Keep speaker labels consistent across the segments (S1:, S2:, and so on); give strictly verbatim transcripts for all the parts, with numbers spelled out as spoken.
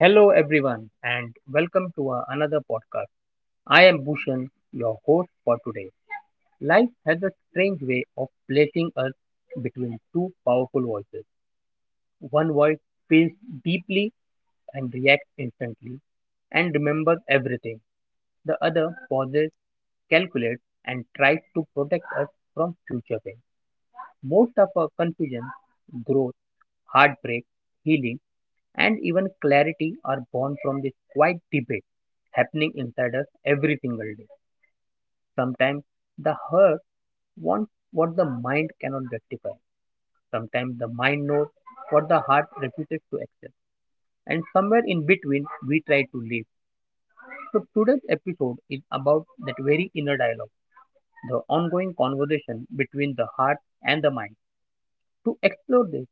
S1: Hello, everyone, and welcome to another podcast. I am Bhushan, your host for today. Life has a strange way of placing us between two powerful voices. One voice feels deeply and reacts instantly and remembers everything. The other pauses, calculates, and tries to protect us from future pain. Most of our confusion, growth, heartbreak, healing, and even clarity are born from this quiet debate happening inside us every single day. Sometimes the heart wants what the mind cannot justify. Sometimes the mind knows what the heart refuses to accept. And somewhere in between, we try to live. So today's episode is about that very inner dialogue, the ongoing conversation between the heart and the mind. To explore this,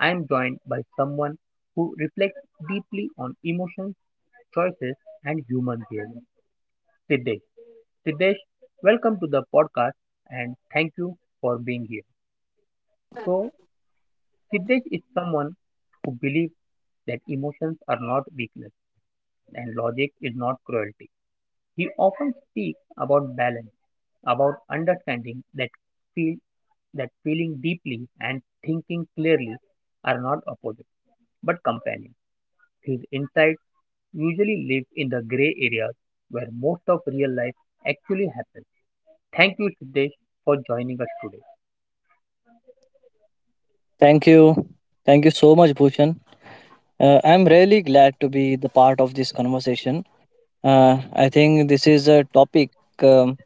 S1: I am joined by someone who reflects deeply on emotions, choices, and human behavior. Siddesh. Siddesh, welcome to the podcast and thank you for being here. So, Siddesh is someone who believes that emotions are not weakness and logic is not cruelty. He often speaks about balance, about understanding that feel that feeling deeply and thinking clearly are not opposite but companions. His insights usually live in the gray areas where most of real life actually happens. Thank you, Siddesh, for joining us today.
S2: Thank you. Thank you so much, Bhushan. Uh, I'm really glad to be the part of this conversation. Uh, I think this is a topic um,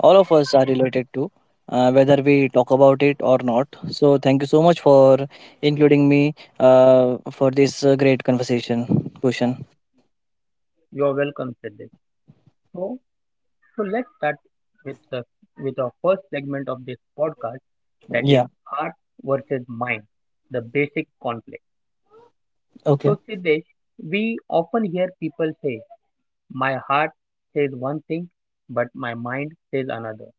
S2: all of us are related to, uh, whether we talk about it or not. So, thank you so much for including me uh, for this uh, great conversation, Bhushan.
S1: You're welcome, Siddesh. So, so let's start with the with our first segment of this podcast, that is
S2: Yeah,
S1: heart versus mind, the basic conflict.
S2: okay.
S1: So, Siddesh, we often hear people say, "My heart says one thing, but my mind says another."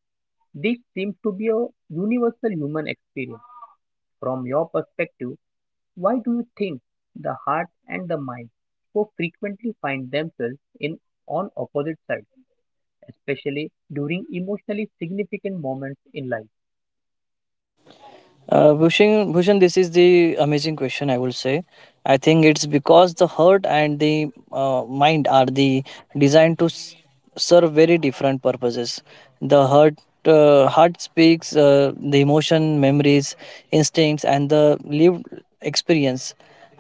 S1: This seems to be a universal human experience. From your perspective, why do you think the heart and the mind so frequently find themselves in on opposite sides, especially during emotionally significant moments in life?
S2: Uh, Bhushan, Bhushan, this is the amazing question, I will say. I think it's because the heart and the uh, mind are the designed to s- serve very different purposes. The heart, uh, heart speaks uh, the emotion, memories, instincts, and the lived experience.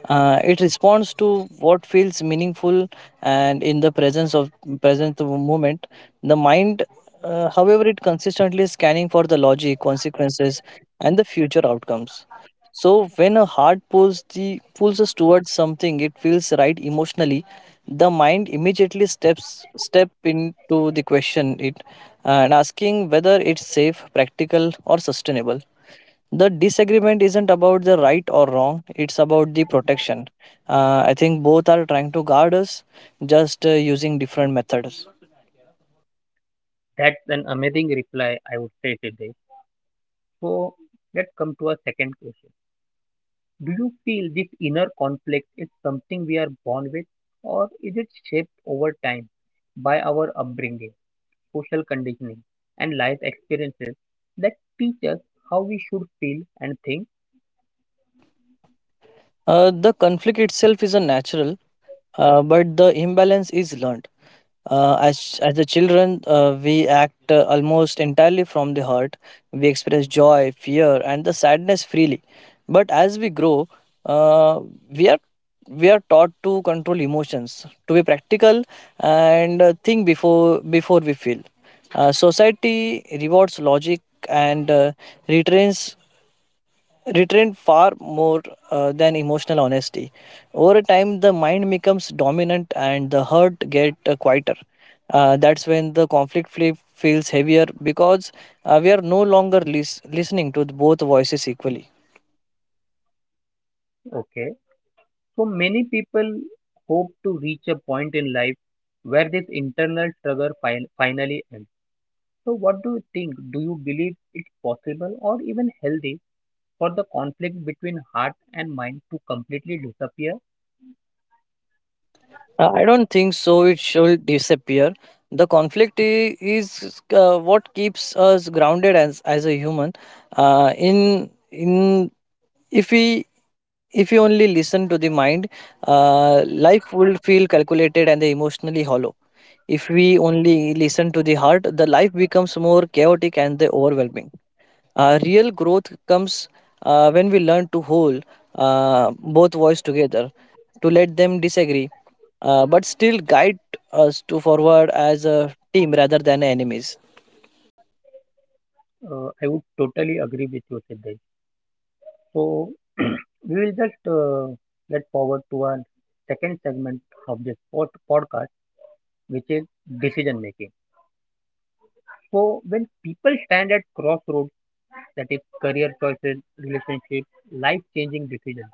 S2: Uh, it responds to what feels meaningful and in the presence of present moment. The mind, uh, however, it consistently scanning for the logic, consequences, and the future outcomes. So when a heart pulls the pulls us towards something, it feels right emotionally. The mind immediately steps step into the question it and asking whether it's safe, practical, or sustainable. The disagreement isn't about the right or wrong, it's about the protection. uh, I think both are trying to guard us, just uh, using different methods.
S1: That's an amazing reply, I would say today. So let's come to our second question. Do you feel this inner conflict is something we are born with, or is it shaped over time by our upbringing, social conditioning, and life experiences that teach us how we should feel and think?
S2: Uh, the conflict itself is a natural. Uh, but the imbalance is learned. Uh, as as a children, uh, we act uh, almost entirely from the heart. We express joy, fear, and the sadness freely. But as we grow, uh, we are we are taught to control emotions, to be practical, and uh, think before before we feel. Uh, society rewards logic and uh, restrains retrained far more uh, than emotional honesty. Over time, the mind becomes dominant and the heart get uh, quieter. Uh, that's when the conflict fle- feels heavier because uh, we are no longer lis- listening to both voices equally.
S1: Okay. So many people hope to reach a point in life where this internal struggle fin- finally ends. So, what do you think? Do you believe it's possible or even healthy for the conflict between heart and mind to completely disappear?
S2: Uh, I don't think so. It should disappear. The conflict i- is uh, what keeps us grounded as as a human. Uh, in in if we If you only listen to the mind, uh, life will feel calculated and emotionally hollow. If we only listen to the heart, the life becomes more chaotic and the overwhelming. Uh, real growth comes uh, when we learn to hold uh, both voices together, to let them disagree, uh, but still guide us to forward as a team rather than enemies.
S1: Uh, I would totally agree with you, Siddhesh. So, we will just uh, get forward to our second segment of this pod- podcast, which is decision making. So, when people stand at crossroads, that is career choices, relationships, life changing decisions,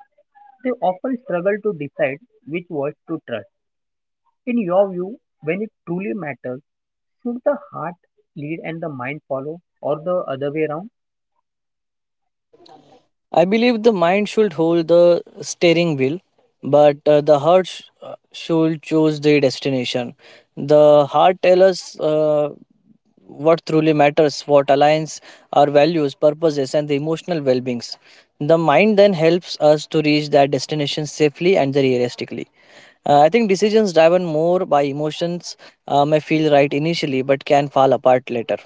S1: they often struggle to decide which voice to trust. In your view, when it truly matters, should the heart lead and the mind follow, or the other way around?
S2: I believe the mind should hold the steering wheel, but uh, the heart sh- uh, should choose the destination. The heart tells us uh, what truly matters, what aligns our values, purposes, and the emotional well beings. The mind then helps us to reach that destination safely and realistically. Uh, I think decisions driven more by emotions uh, may feel right initially, but can fall apart later.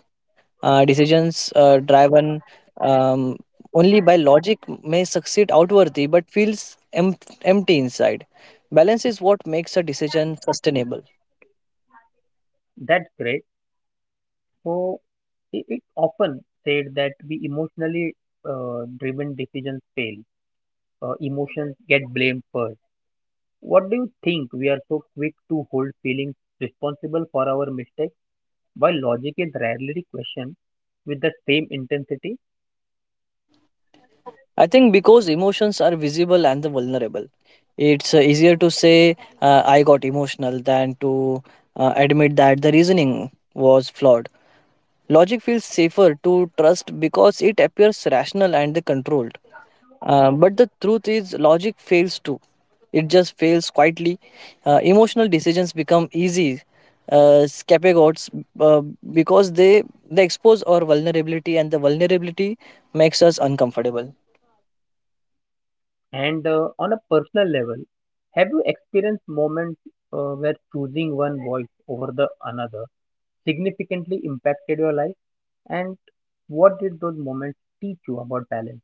S2: Uh, decisions uh, driven um, only by logic may succeed outwardly but feels em- empty inside. Balance is what makes a decision sustainable.
S1: That's great. So it, it often said that we emotionally uh, driven decisions fail. Uh, emotions get blamed first. What do you think we are so quick to hold feelings responsible for our mistakes, while logic is rarely questioned with the same intensity?
S2: I think because emotions are visible and the vulnerable, it's uh, easier to say uh, I got emotional than to uh, admit that the reasoning was flawed. Logic feels safer to trust because it appears rational and controlled. Uh, but the truth is, logic fails too. It just fails quietly. Uh, emotional decisions become easy uh, scapegoats uh, because they they expose our vulnerability, and the vulnerability makes us uncomfortable.
S1: And uh, on a personal level, have you experienced moments uh, where choosing one voice over the another significantly impacted your life? And what did those moments teach you about balance?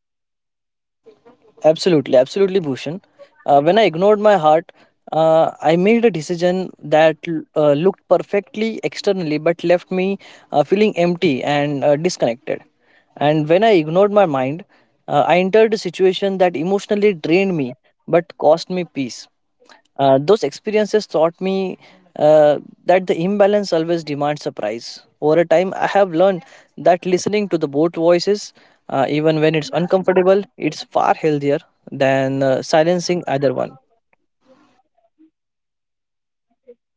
S2: Absolutely, absolutely, Bhushan. Uh, when I ignored my heart, uh, I made a decision that uh, looked perfectly externally but left me uh, feeling empty and uh, disconnected. And when I ignored my mind, uh, I entered a situation that emotionally drained me but cost me peace. Uh, those experiences taught me uh, that the imbalance always demands a price. Over a time, I have learned that listening to the both voices, uh, even when it's uncomfortable, it's far healthier than uh, silencing either one.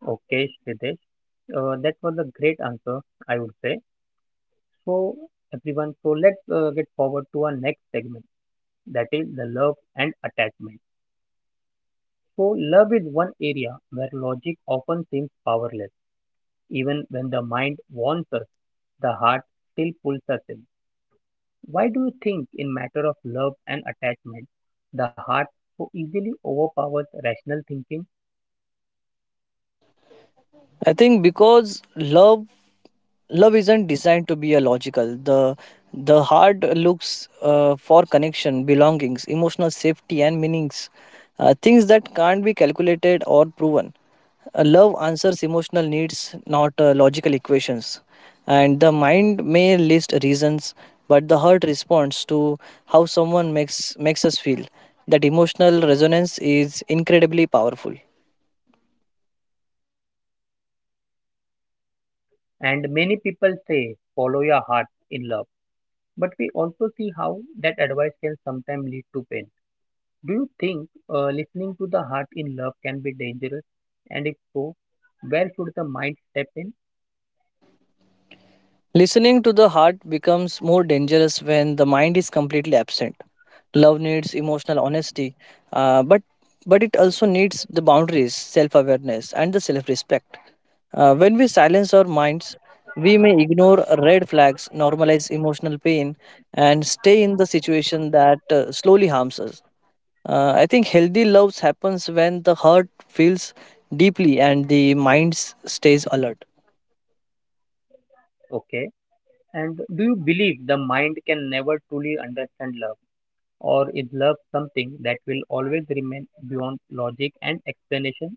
S1: Okay, Shridesh, uh, that was a great answer, I would say. So, everyone, so let's uh, get forward to our next segment that is the love and attachment. So, love is one area where logic often seems powerless. Even when the mind warns us, the heart still pulls us in. Why do you think, in matter of love and attachment, the heart so easily overpowers rational thinking?
S2: I think because love love isn't designed to be a logical. The the heart looks uh, for connection, belongings, emotional safety, and meanings, uh, things that can't be calculated or proven. Uh, love answers emotional needs, not uh, logical equations. And the mind may list reasons, but the heart responds to how someone makes makes us feel. That emotional resonance is incredibly powerful.
S1: And many people say, follow your heart in love. But we also see how that advice can sometimes lead to pain. Do you think uh, listening to the heart in love can be dangerous? And if so, where should the mind step in?
S2: Listening to the heart becomes more dangerous when the mind is completely absent. Love needs emotional honesty, uh, but but it also needs the boundaries, self-awareness, and the self-respect. Uh, when we silence our minds, we may ignore red flags, normalize emotional pain, and stay in the situation that uh, slowly harms us. Uh, I think healthy love happens when the heart feels deeply and the mind stays alert.
S1: Okay. And do you believe the mind can never truly understand love? Or is love something that will always remain beyond logic and explanation?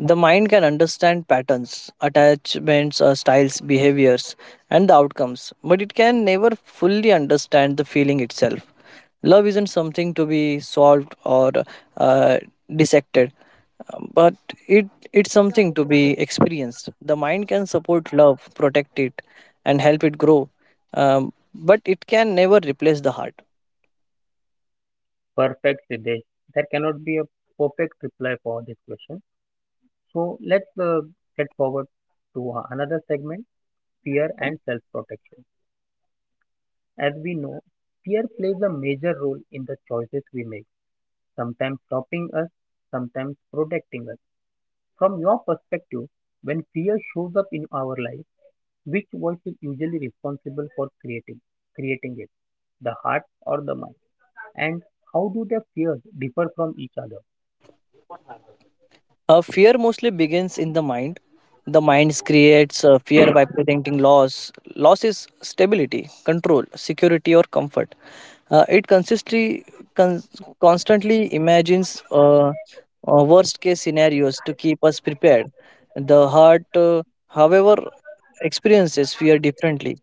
S2: The mind can understand patterns, attachments, uh, styles, behaviors, and the outcomes, but it can never fully understand the feeling itself. Love isn't something to be solved or uh, dissected, but it it's something to be experienced. The mind can support love, protect it, and help it grow, um, but it can never replace the heart.
S1: Perfect, Siddesh. There cannot be a perfect reply for this question. So let's uh, get forward to uh, another segment, fear
S2: Sure.
S1: and self protection. As we know, fear plays a major role in the choices we make, sometimes stopping us, sometimes protecting us. From your perspective, when fear shows up in our life, which voice is usually responsible for creating creating it, the heart or the mind? And how do their fears differ from each other?
S2: Uh, fear mostly begins in the mind. The mind creates uh, fear by presenting loss. Loss is stability, control, security, or comfort. Uh, it consistently, con- constantly imagines uh, uh, worst case scenarios to keep us prepared. The heart, uh, however, experiences fear differently.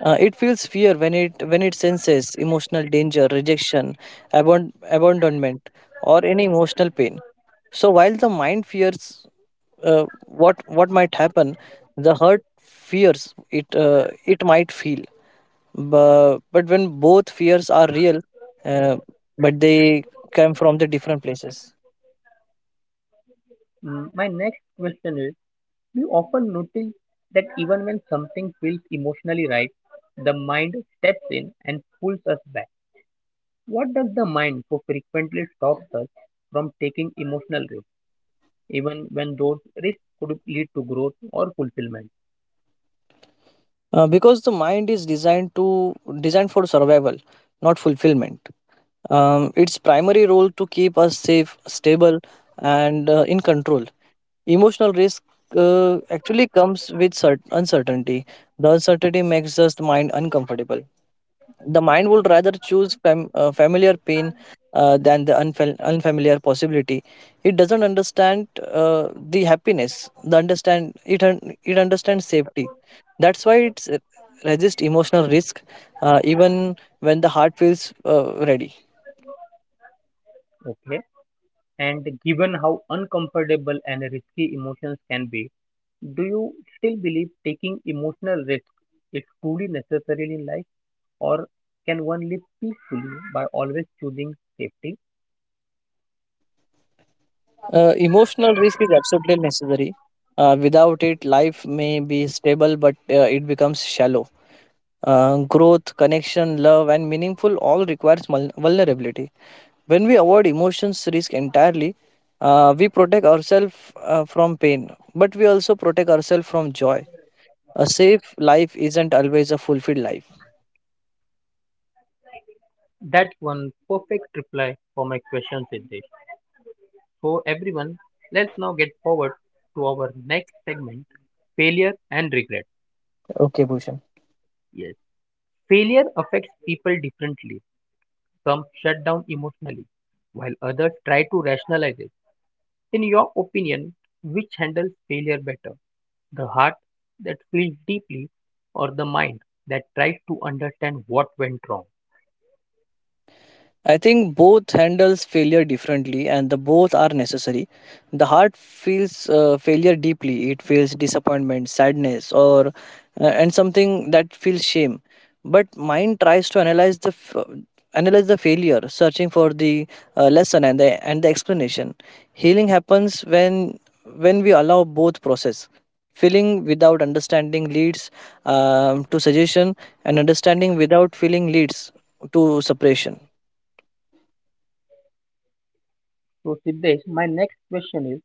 S2: Uh, it feels fear when it when it senses emotional danger, rejection, abon- abandonment, or any emotional pain. So while the mind fears uh, what what might happen, the heart fears it uh, it might feel. But, but when both fears are real, uh, but they come from the different places.
S1: Mm, my next question is: we often notice that even when something feels emotionally right, the mind steps in and pulls us back. What does the mind so frequently stops us from taking emotional risks, even when those risks could lead to growth or fulfillment?
S2: Uh, because the mind is designed to designed for survival, not fulfillment. Um, its primary role to keep us safe, stable, and uh, in control. Emotional risk uh, actually comes with cert- uncertainty. The uncertainty makes us the mind uncomfortable. The mind would rather choose fam- uh, familiar pain uh, than the unfam- unfamiliar possibility. It doesn't understand uh, the happiness. The understand it un- It understands safety. That's why it's uh, resist emotional risk, uh, even when the heart feels uh, ready.
S1: Okay. And given how uncomfortable and risky emotions can be, do you still believe taking emotional risk is truly necessary in life, or can one live peacefully by always choosing safety?
S2: Uh, emotional risk is absolutely necessary. Uh, without it, life may be stable, but uh, it becomes shallow. Uh, growth, connection, love, and meaningful all requires mul- vulnerability. When we avoid emotions risk entirely, uh, we protect ourselves uh, from pain, but we also protect ourselves from joy. A safe life isn't always a fulfilled life.
S1: That's one perfect reply for my question, Siddesh. So, everyone, let's now get forward to our next segment, failure and regret.
S2: Okay, Bhushan.
S1: Yes, failure affects people differently. Some shut down emotionally, while others try to rationalize it. In your opinion, which handles failure better? The heart that feels deeply or the mind that tries to understand what went wrong?
S2: I think both handles failure differently, and the both are necessary. The heart feels uh, failure deeply. It feels disappointment, sadness, or uh, and something that feels shame. But mind tries to analyze the f- analyze the failure, searching for the uh, lesson and the and the explanation. Healing happens when when we allow both process. Feeling without understanding leads um, to suggestion, and understanding without feeling leads to suppression.
S1: So, Siddesh, my next question is,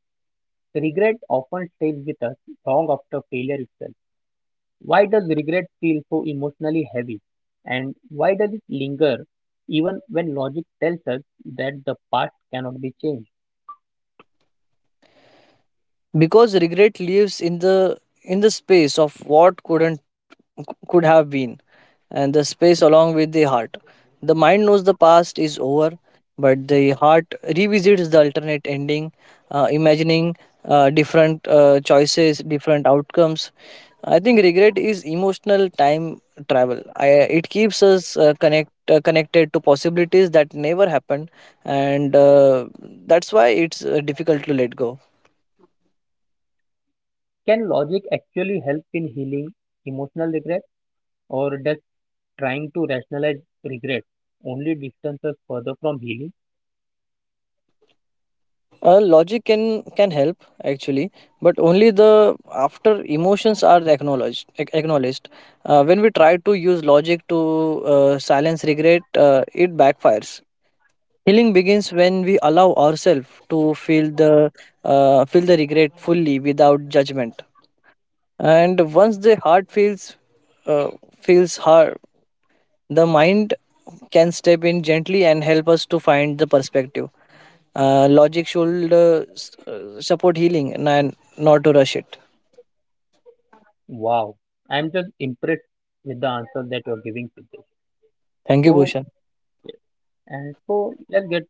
S1: regret often stays with us long after failure itself. Why does regret feel so emotionally heavy? And why does it linger even when logic tells us that the past cannot be changed?
S2: Because regret lives in the in the space of what couldn't could have been, and the space along with the heart. The mind knows the past is over, but the heart revisits the alternate ending, uh, imagining uh, different uh, choices, different outcomes. I think regret is emotional time travel. I, it keeps us uh, connect uh, connected to possibilities that never happened, and uh, that's why it's uh, difficult to let go.
S1: Can logic actually help in healing emotional regret, or does trying to rationalize regret only distances further from healing?
S2: Uh, logic can can help actually, but only the after emotions are acknowledged. ac- Acknowledged. Uh, when we try to use logic to uh, silence regret, uh, it backfires. Healing begins when we allow ourselves to feel the uh, feel the regret fully without judgment. And once the heart feels uh, feels hard, the mind can step in gently and help us to find the perspective. Uh, logic should uh, s- uh, support healing and and not to rush it.
S1: Wow, I'm just impressed with the answer that you're giving to this.
S2: Thank you,
S1: So,
S2: Bhushan.
S1: and so let's get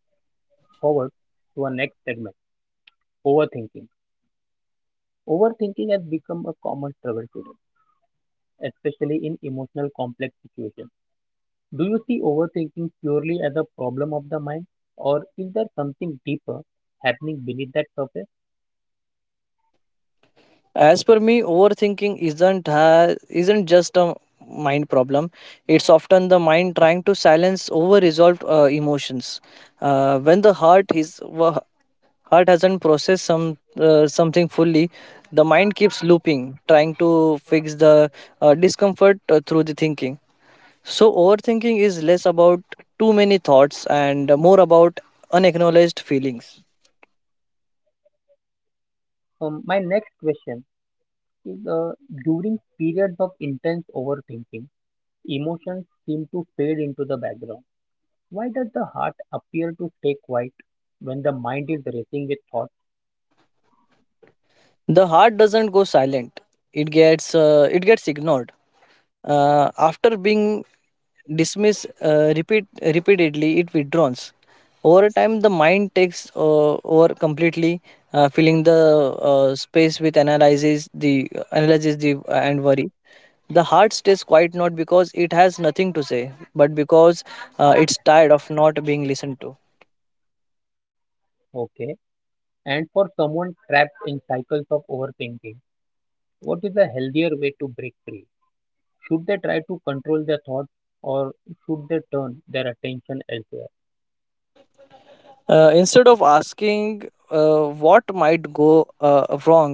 S1: forward to our next segment, overthinking. Overthinking has become a common trouble today, especially in emotional complex situations. Do you see overthinking purely as a problem of the mind, or is there something deeper happening beneath that surface?
S2: As per me, overthinking isn't ha- isn't just a mind problem. It's often the mind trying to silence over-resolved uh, emotions. Uh, when the heart is wa- heart hasn't processed some uh, something fully, the mind keeps looping, trying to fix the uh, discomfort uh, through the thinking. So, overthinking is less about too many thoughts and more about unacknowledged feelings.
S1: So, my next question is, uh, during periods of intense overthinking emotions seem to fade into the background. Why does the heart appear to stay quiet when the mind is racing with thoughts?
S2: The heart doesn't go silent; it gets uh, it gets ignored. Uh, after being dismissed uh, repeat repeatedly, it withdraws. Over time, the mind takes uh, over completely, uh, filling the uh, space with analysis, the uh, analysis, the and worry. The heart stays quiet not because it has nothing to say, but because uh, it's tired of not being listened to.
S1: Okay. And for someone trapped in cycles of overthinking, what is a healthier way to break free? Should they try to control their thoughts or should they turn their attention elsewhere?
S2: Uh, instead of asking uh, what might go uh, wrong,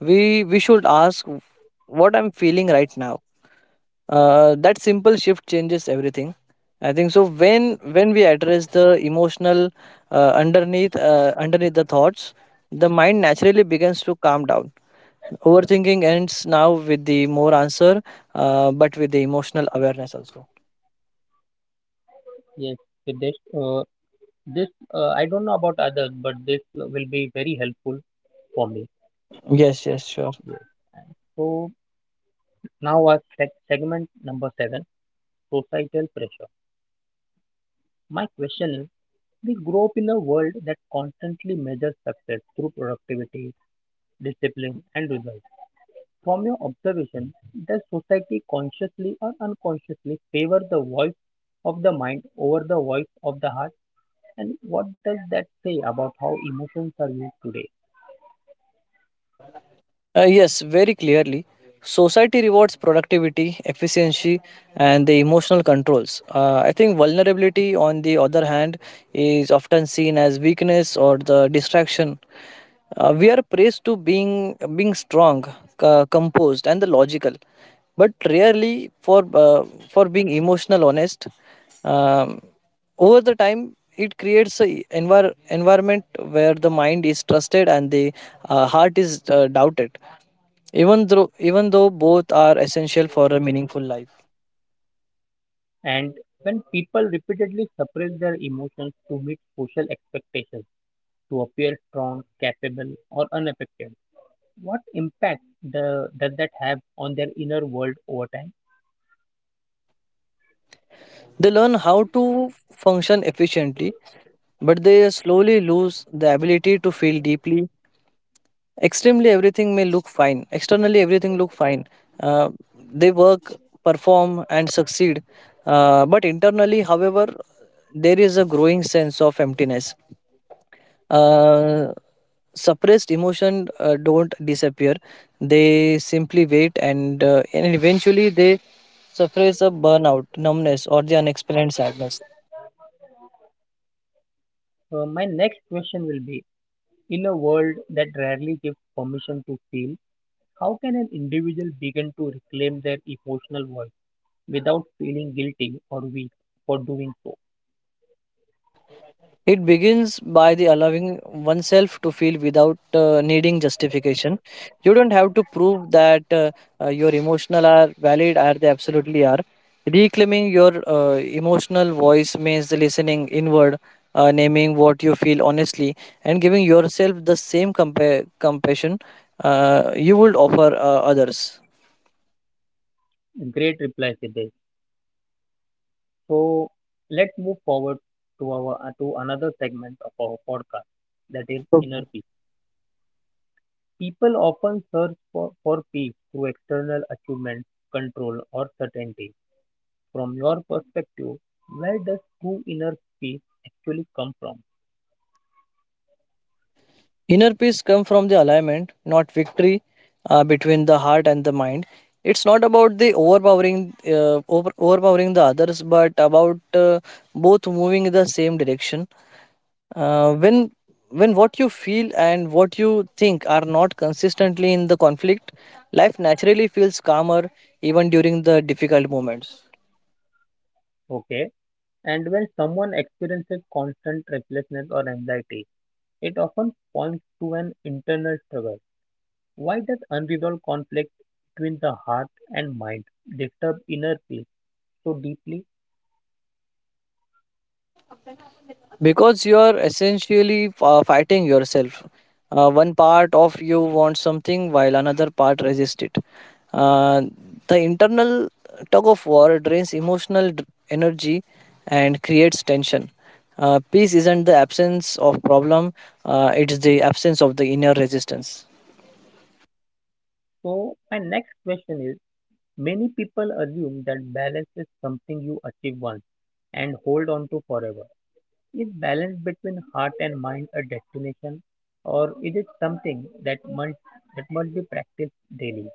S2: we we should ask what I'm feeling right now. Uh, that simple shift changes everything. I think so. When when we address the emotional uh, underneath uh, underneath the thoughts, the mind naturally begins to calm down. Overthinking ends now with the more answer, uh, but with the emotional awareness also.
S1: Yes, this, uh, this uh, I don't know about others, but this will be very helpful for me.
S2: Yes, yes, sure.
S1: So now our seg- segment number seven, societal pressure. My question is, we grow up in a world that constantly measures success through productivity, discipline, and results. From your observation, does society consciously or unconsciously favor the voice of the mind over the voice of the heart? And what does that say about how emotions are used today?
S2: Uh, yes, very clearly. Society rewards productivity, efficiency, and the emotional controls. Uh, I think vulnerability, on the other hand, is often seen as weakness or the distraction. Uh, we are praised to being being strong, uh, composed, and the logical, but rarely for uh, for being emotional, honest. Um, Over the time it creates an envir- environment where the mind is trusted and the uh, heart is uh, doubted, even though even though both are essential for a meaningful life.
S1: And when people repeatedly suppress their emotions to meet social expectations, to appear strong, capable, or unaffected, what impact the, does that have on their inner world over time?
S2: They learn how to function efficiently, but they slowly lose the ability to feel deeply. Extremely, everything may look fine externally, everything look fine. uh, they work, perform, and succeed, uh, but internally, however, there is a growing sense of emptiness. Uh, Suppressed emotion uh, don't disappear, they simply wait, and uh, and eventually they suffer a burnout, numbness, or the unexplained sadness.
S1: Uh, my next question will be, in a world that rarely gives permission to feel, how can an individual begin to reclaim their emotional voice without feeling guilty or weak for doing so?
S2: It begins by the allowing oneself to feel without uh, needing justification. You don't have to prove that uh, uh, your emotional are valid, are they absolutely are. Reclaiming your uh, emotional voice means listening inward, uh, naming what you feel honestly, and giving yourself the same compa- compassion uh, you would offer uh, others.
S1: Great reply, Siddesh. So let's move forward to our to another segment of our podcast that is inner peace. People often search for, for peace through external achievement, control, or certainty. From your perspective, where does true inner peace actually come from?
S2: Inner peace comes from the alignment, not victory, uh, between the heart and the mind. It's not about the overpowering, uh, over, overpowering the others, but about uh, both moving in the same direction. Uh, when when what you feel and what you think are not consistently in the conflict, life naturally feels calmer even during the difficult moments.
S1: Okay. And when someone experiences constant restlessness or anxiety, it often points to an internal struggle. Why does unresolved conflict between the heart and mind disturb inner peace so deeply?
S2: Because you're essentially uh, fighting yourself. Uh, one part of you wants something while another part resists it. uh, the internal tug of war drains emotional d- energy and creates tension. Uh, peace isn't the absence of problem, uh, it's the absence of the inner resistance.
S1: So, my next question is, many people assume that balance is something you achieve once and hold on to forever. Is balance between heart and mind a destination or is it something that must, that must be practiced daily?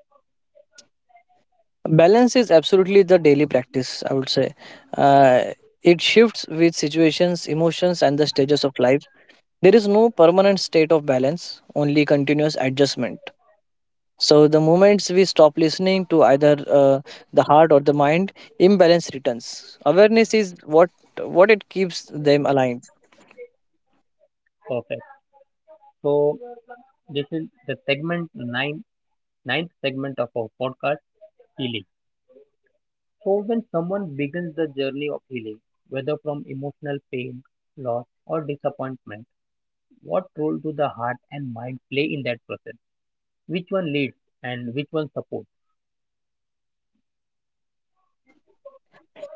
S2: Balance is absolutely the daily practice, I would say. Uh, it shifts with situations, emotions, and the stages of life. There is no permanent state of balance, only continuous adjustment. So, the moments we stop listening to either uh, the heart or the mind, imbalance returns. Awareness is what, what it keeps them aligned.
S1: Perfect. So, this is the segment nine, ninth segment of our podcast, healing. So, when someone begins the journey of healing, whether from emotional pain, loss, or disappointment, what role do the heart and mind play in that process? Which one leads and which one supports?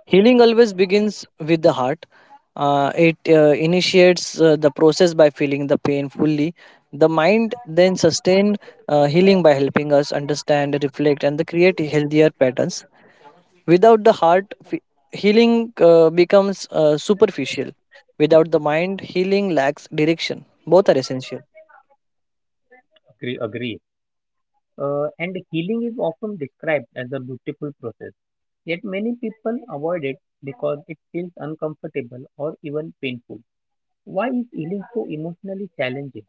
S2: Healing always begins with the heart. Uh, it uh, initiates uh, the process by feeling the pain fully. The mind then sustains uh, healing by helping us understand, reflect, and the create healthier patterns. Without the heart, fe- healing uh, becomes uh, superficial. Without the mind, healing lacks direction. Both are essential.
S1: Agree, agree. Uh, and healing is often described as a beautiful process, yet many people avoid it because it feels uncomfortable or even painful. Why is healing so emotionally challenging?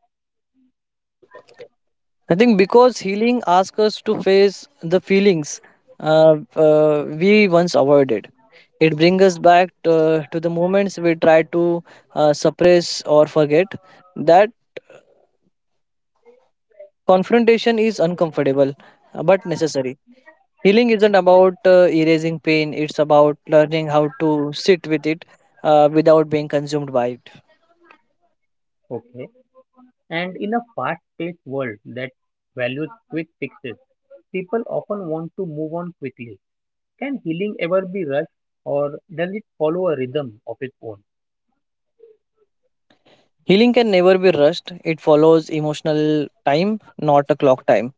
S2: I think because healing asks us to face the feelings uh, uh, we once avoided. It brings us back to, to the moments we try to uh, suppress or forget. That confrontation is uncomfortable, uh, but necessary. Healing isn't about uh, erasing pain, it's about learning how to sit with it uh, without being consumed by it.
S1: Okay. And in a fast paced world that values quick fixes, people often want to move on quickly. Can healing ever be rushed or does it follow a rhythm of its own?
S2: Healing can never be rushed, it follows emotional time, not a clock time.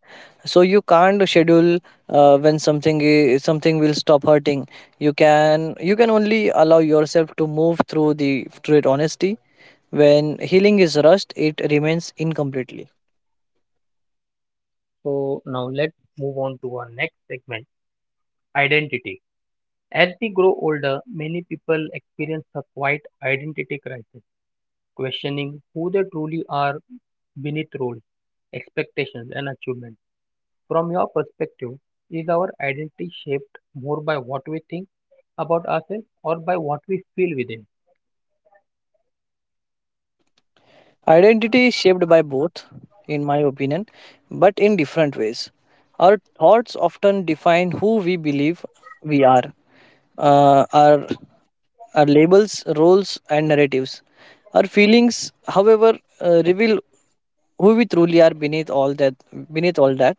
S2: So you can't schedule uh, when something i- something will stop hurting. You can you can only allow yourself to move through the through it honestly. When healing is rushed, it remains incompletely.
S1: So now let's move on to our next segment, identity. As we grow older, many people experience a quiet identity crisis, questioning who they truly are beneath roles, expectations, and achievements. From your perspective, is our identity shaped more by what we think about ourselves or by what we feel within?
S2: Identity is shaped by both, in my opinion, but in different ways. Our thoughts often define who we believe we are. Uh, our, our labels, roles, and narratives. Our feelings, however, uh, reveal who we truly are beneath all that. Beneath all that,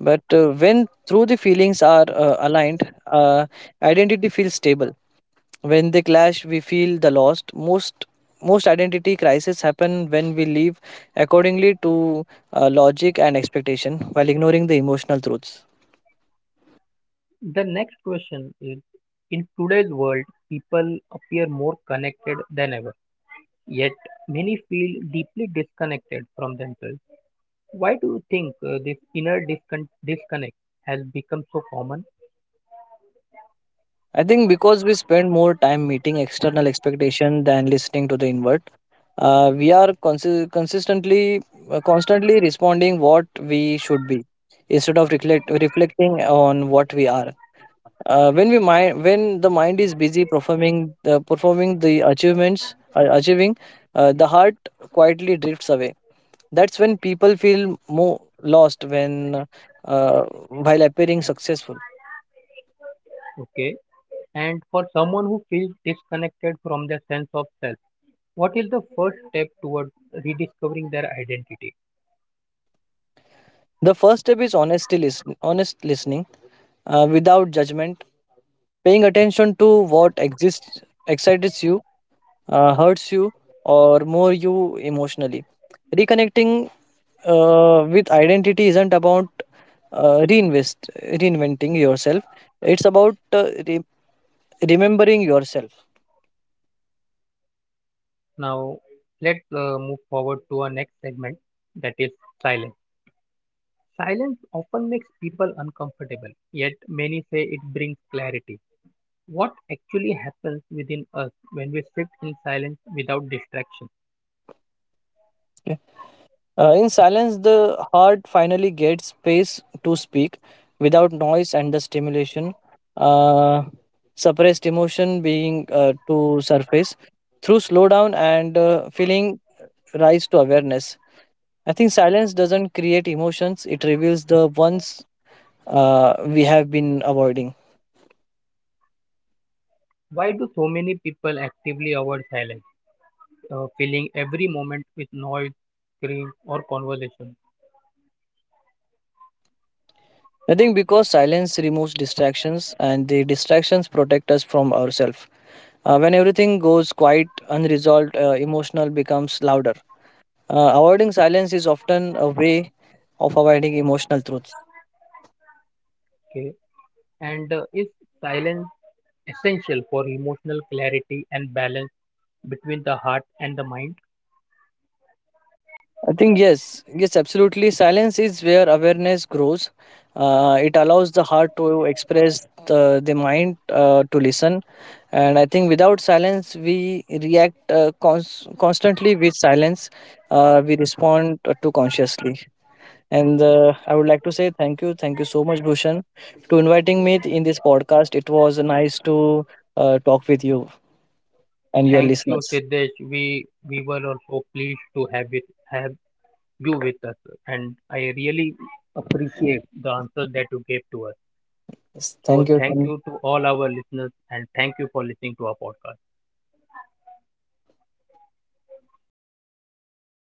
S2: but uh, when through the feelings are uh, aligned, uh, identity feels stable. When they clash, we feel the loss most. Most identity crises happen when we live accordingly to uh, logic and expectation while ignoring the emotional truths.
S1: The next question is, in today's world, people appear more connected than ever, yet many feel deeply disconnected from themselves. Why do you think uh, this inner discon- disconnect has become so common?
S2: I think because we spend more time meeting external expectation than listening to the inward. Uh, we are consi- consistently, uh, constantly responding what we should be instead of reflect- reflecting on what we are. Uh, when we mind when the mind is busy performing, uh, performing the achievements, uh, achieving, uh, the heart quietly drifts away. That's when people feel more lost, when uh, while appearing successful.
S1: Okay, and for someone who feels disconnected from their sense of self, what is the first step toward rediscovering their identity?
S2: The first step is honesty listen, honest listening, uh, without judgment, paying attention to what exists excites you, uh, hurts you, or more you emotionally. Reconnecting uh, with identity isn't about uh, reinvest reinventing yourself, it's about uh, re- remembering yourself.
S1: Now, let's uh, move forward to our next segment that is silence. Silence often makes people uncomfortable, yet, many say it brings clarity. What actually happens within us when we sit in silence without distraction?
S2: Okay? uh, in silence the heart finally gets space to speak without noise and the stimulation. Uh, suppressed emotion being uh, to surface through slowdown, and uh, feeling rise to awareness. I think silence doesn't create emotions, it reveals the ones uh, we have been avoiding.
S1: Why do so many people actively avoid silence, uh, filling every moment with noise, scream, or conversation?
S2: I think because silence removes distractions, and the distractions protect us from ourselves. Uh, when everything goes quiet, unresolved, uh, emotional becomes louder. Uh, avoiding silence is often a way of avoiding emotional truths.
S1: Okay, and uh, is silence essential for emotional clarity and balance between the heart and the mind?
S2: I think yes, yes, absolutely. Silence is where awareness grows. Uh, it allows the heart to express, uh, the mind uh, to listen, and I think without silence we react uh, cons- constantly. With silence, uh, we respond uh, to consciously. And uh, I would like to say thank you, thank you so much, Bhushan, to inviting me in this podcast. It was nice to uh, talk with you and your
S1: Thank you,
S2: listeners.
S1: Siddesh. We we were also pleased to have it have you with us, and I really appreciate the answer that you gave to us.
S2: Yes, thank
S1: So thank
S2: you.
S1: you to all our listeners, and thank you for listening to our podcast.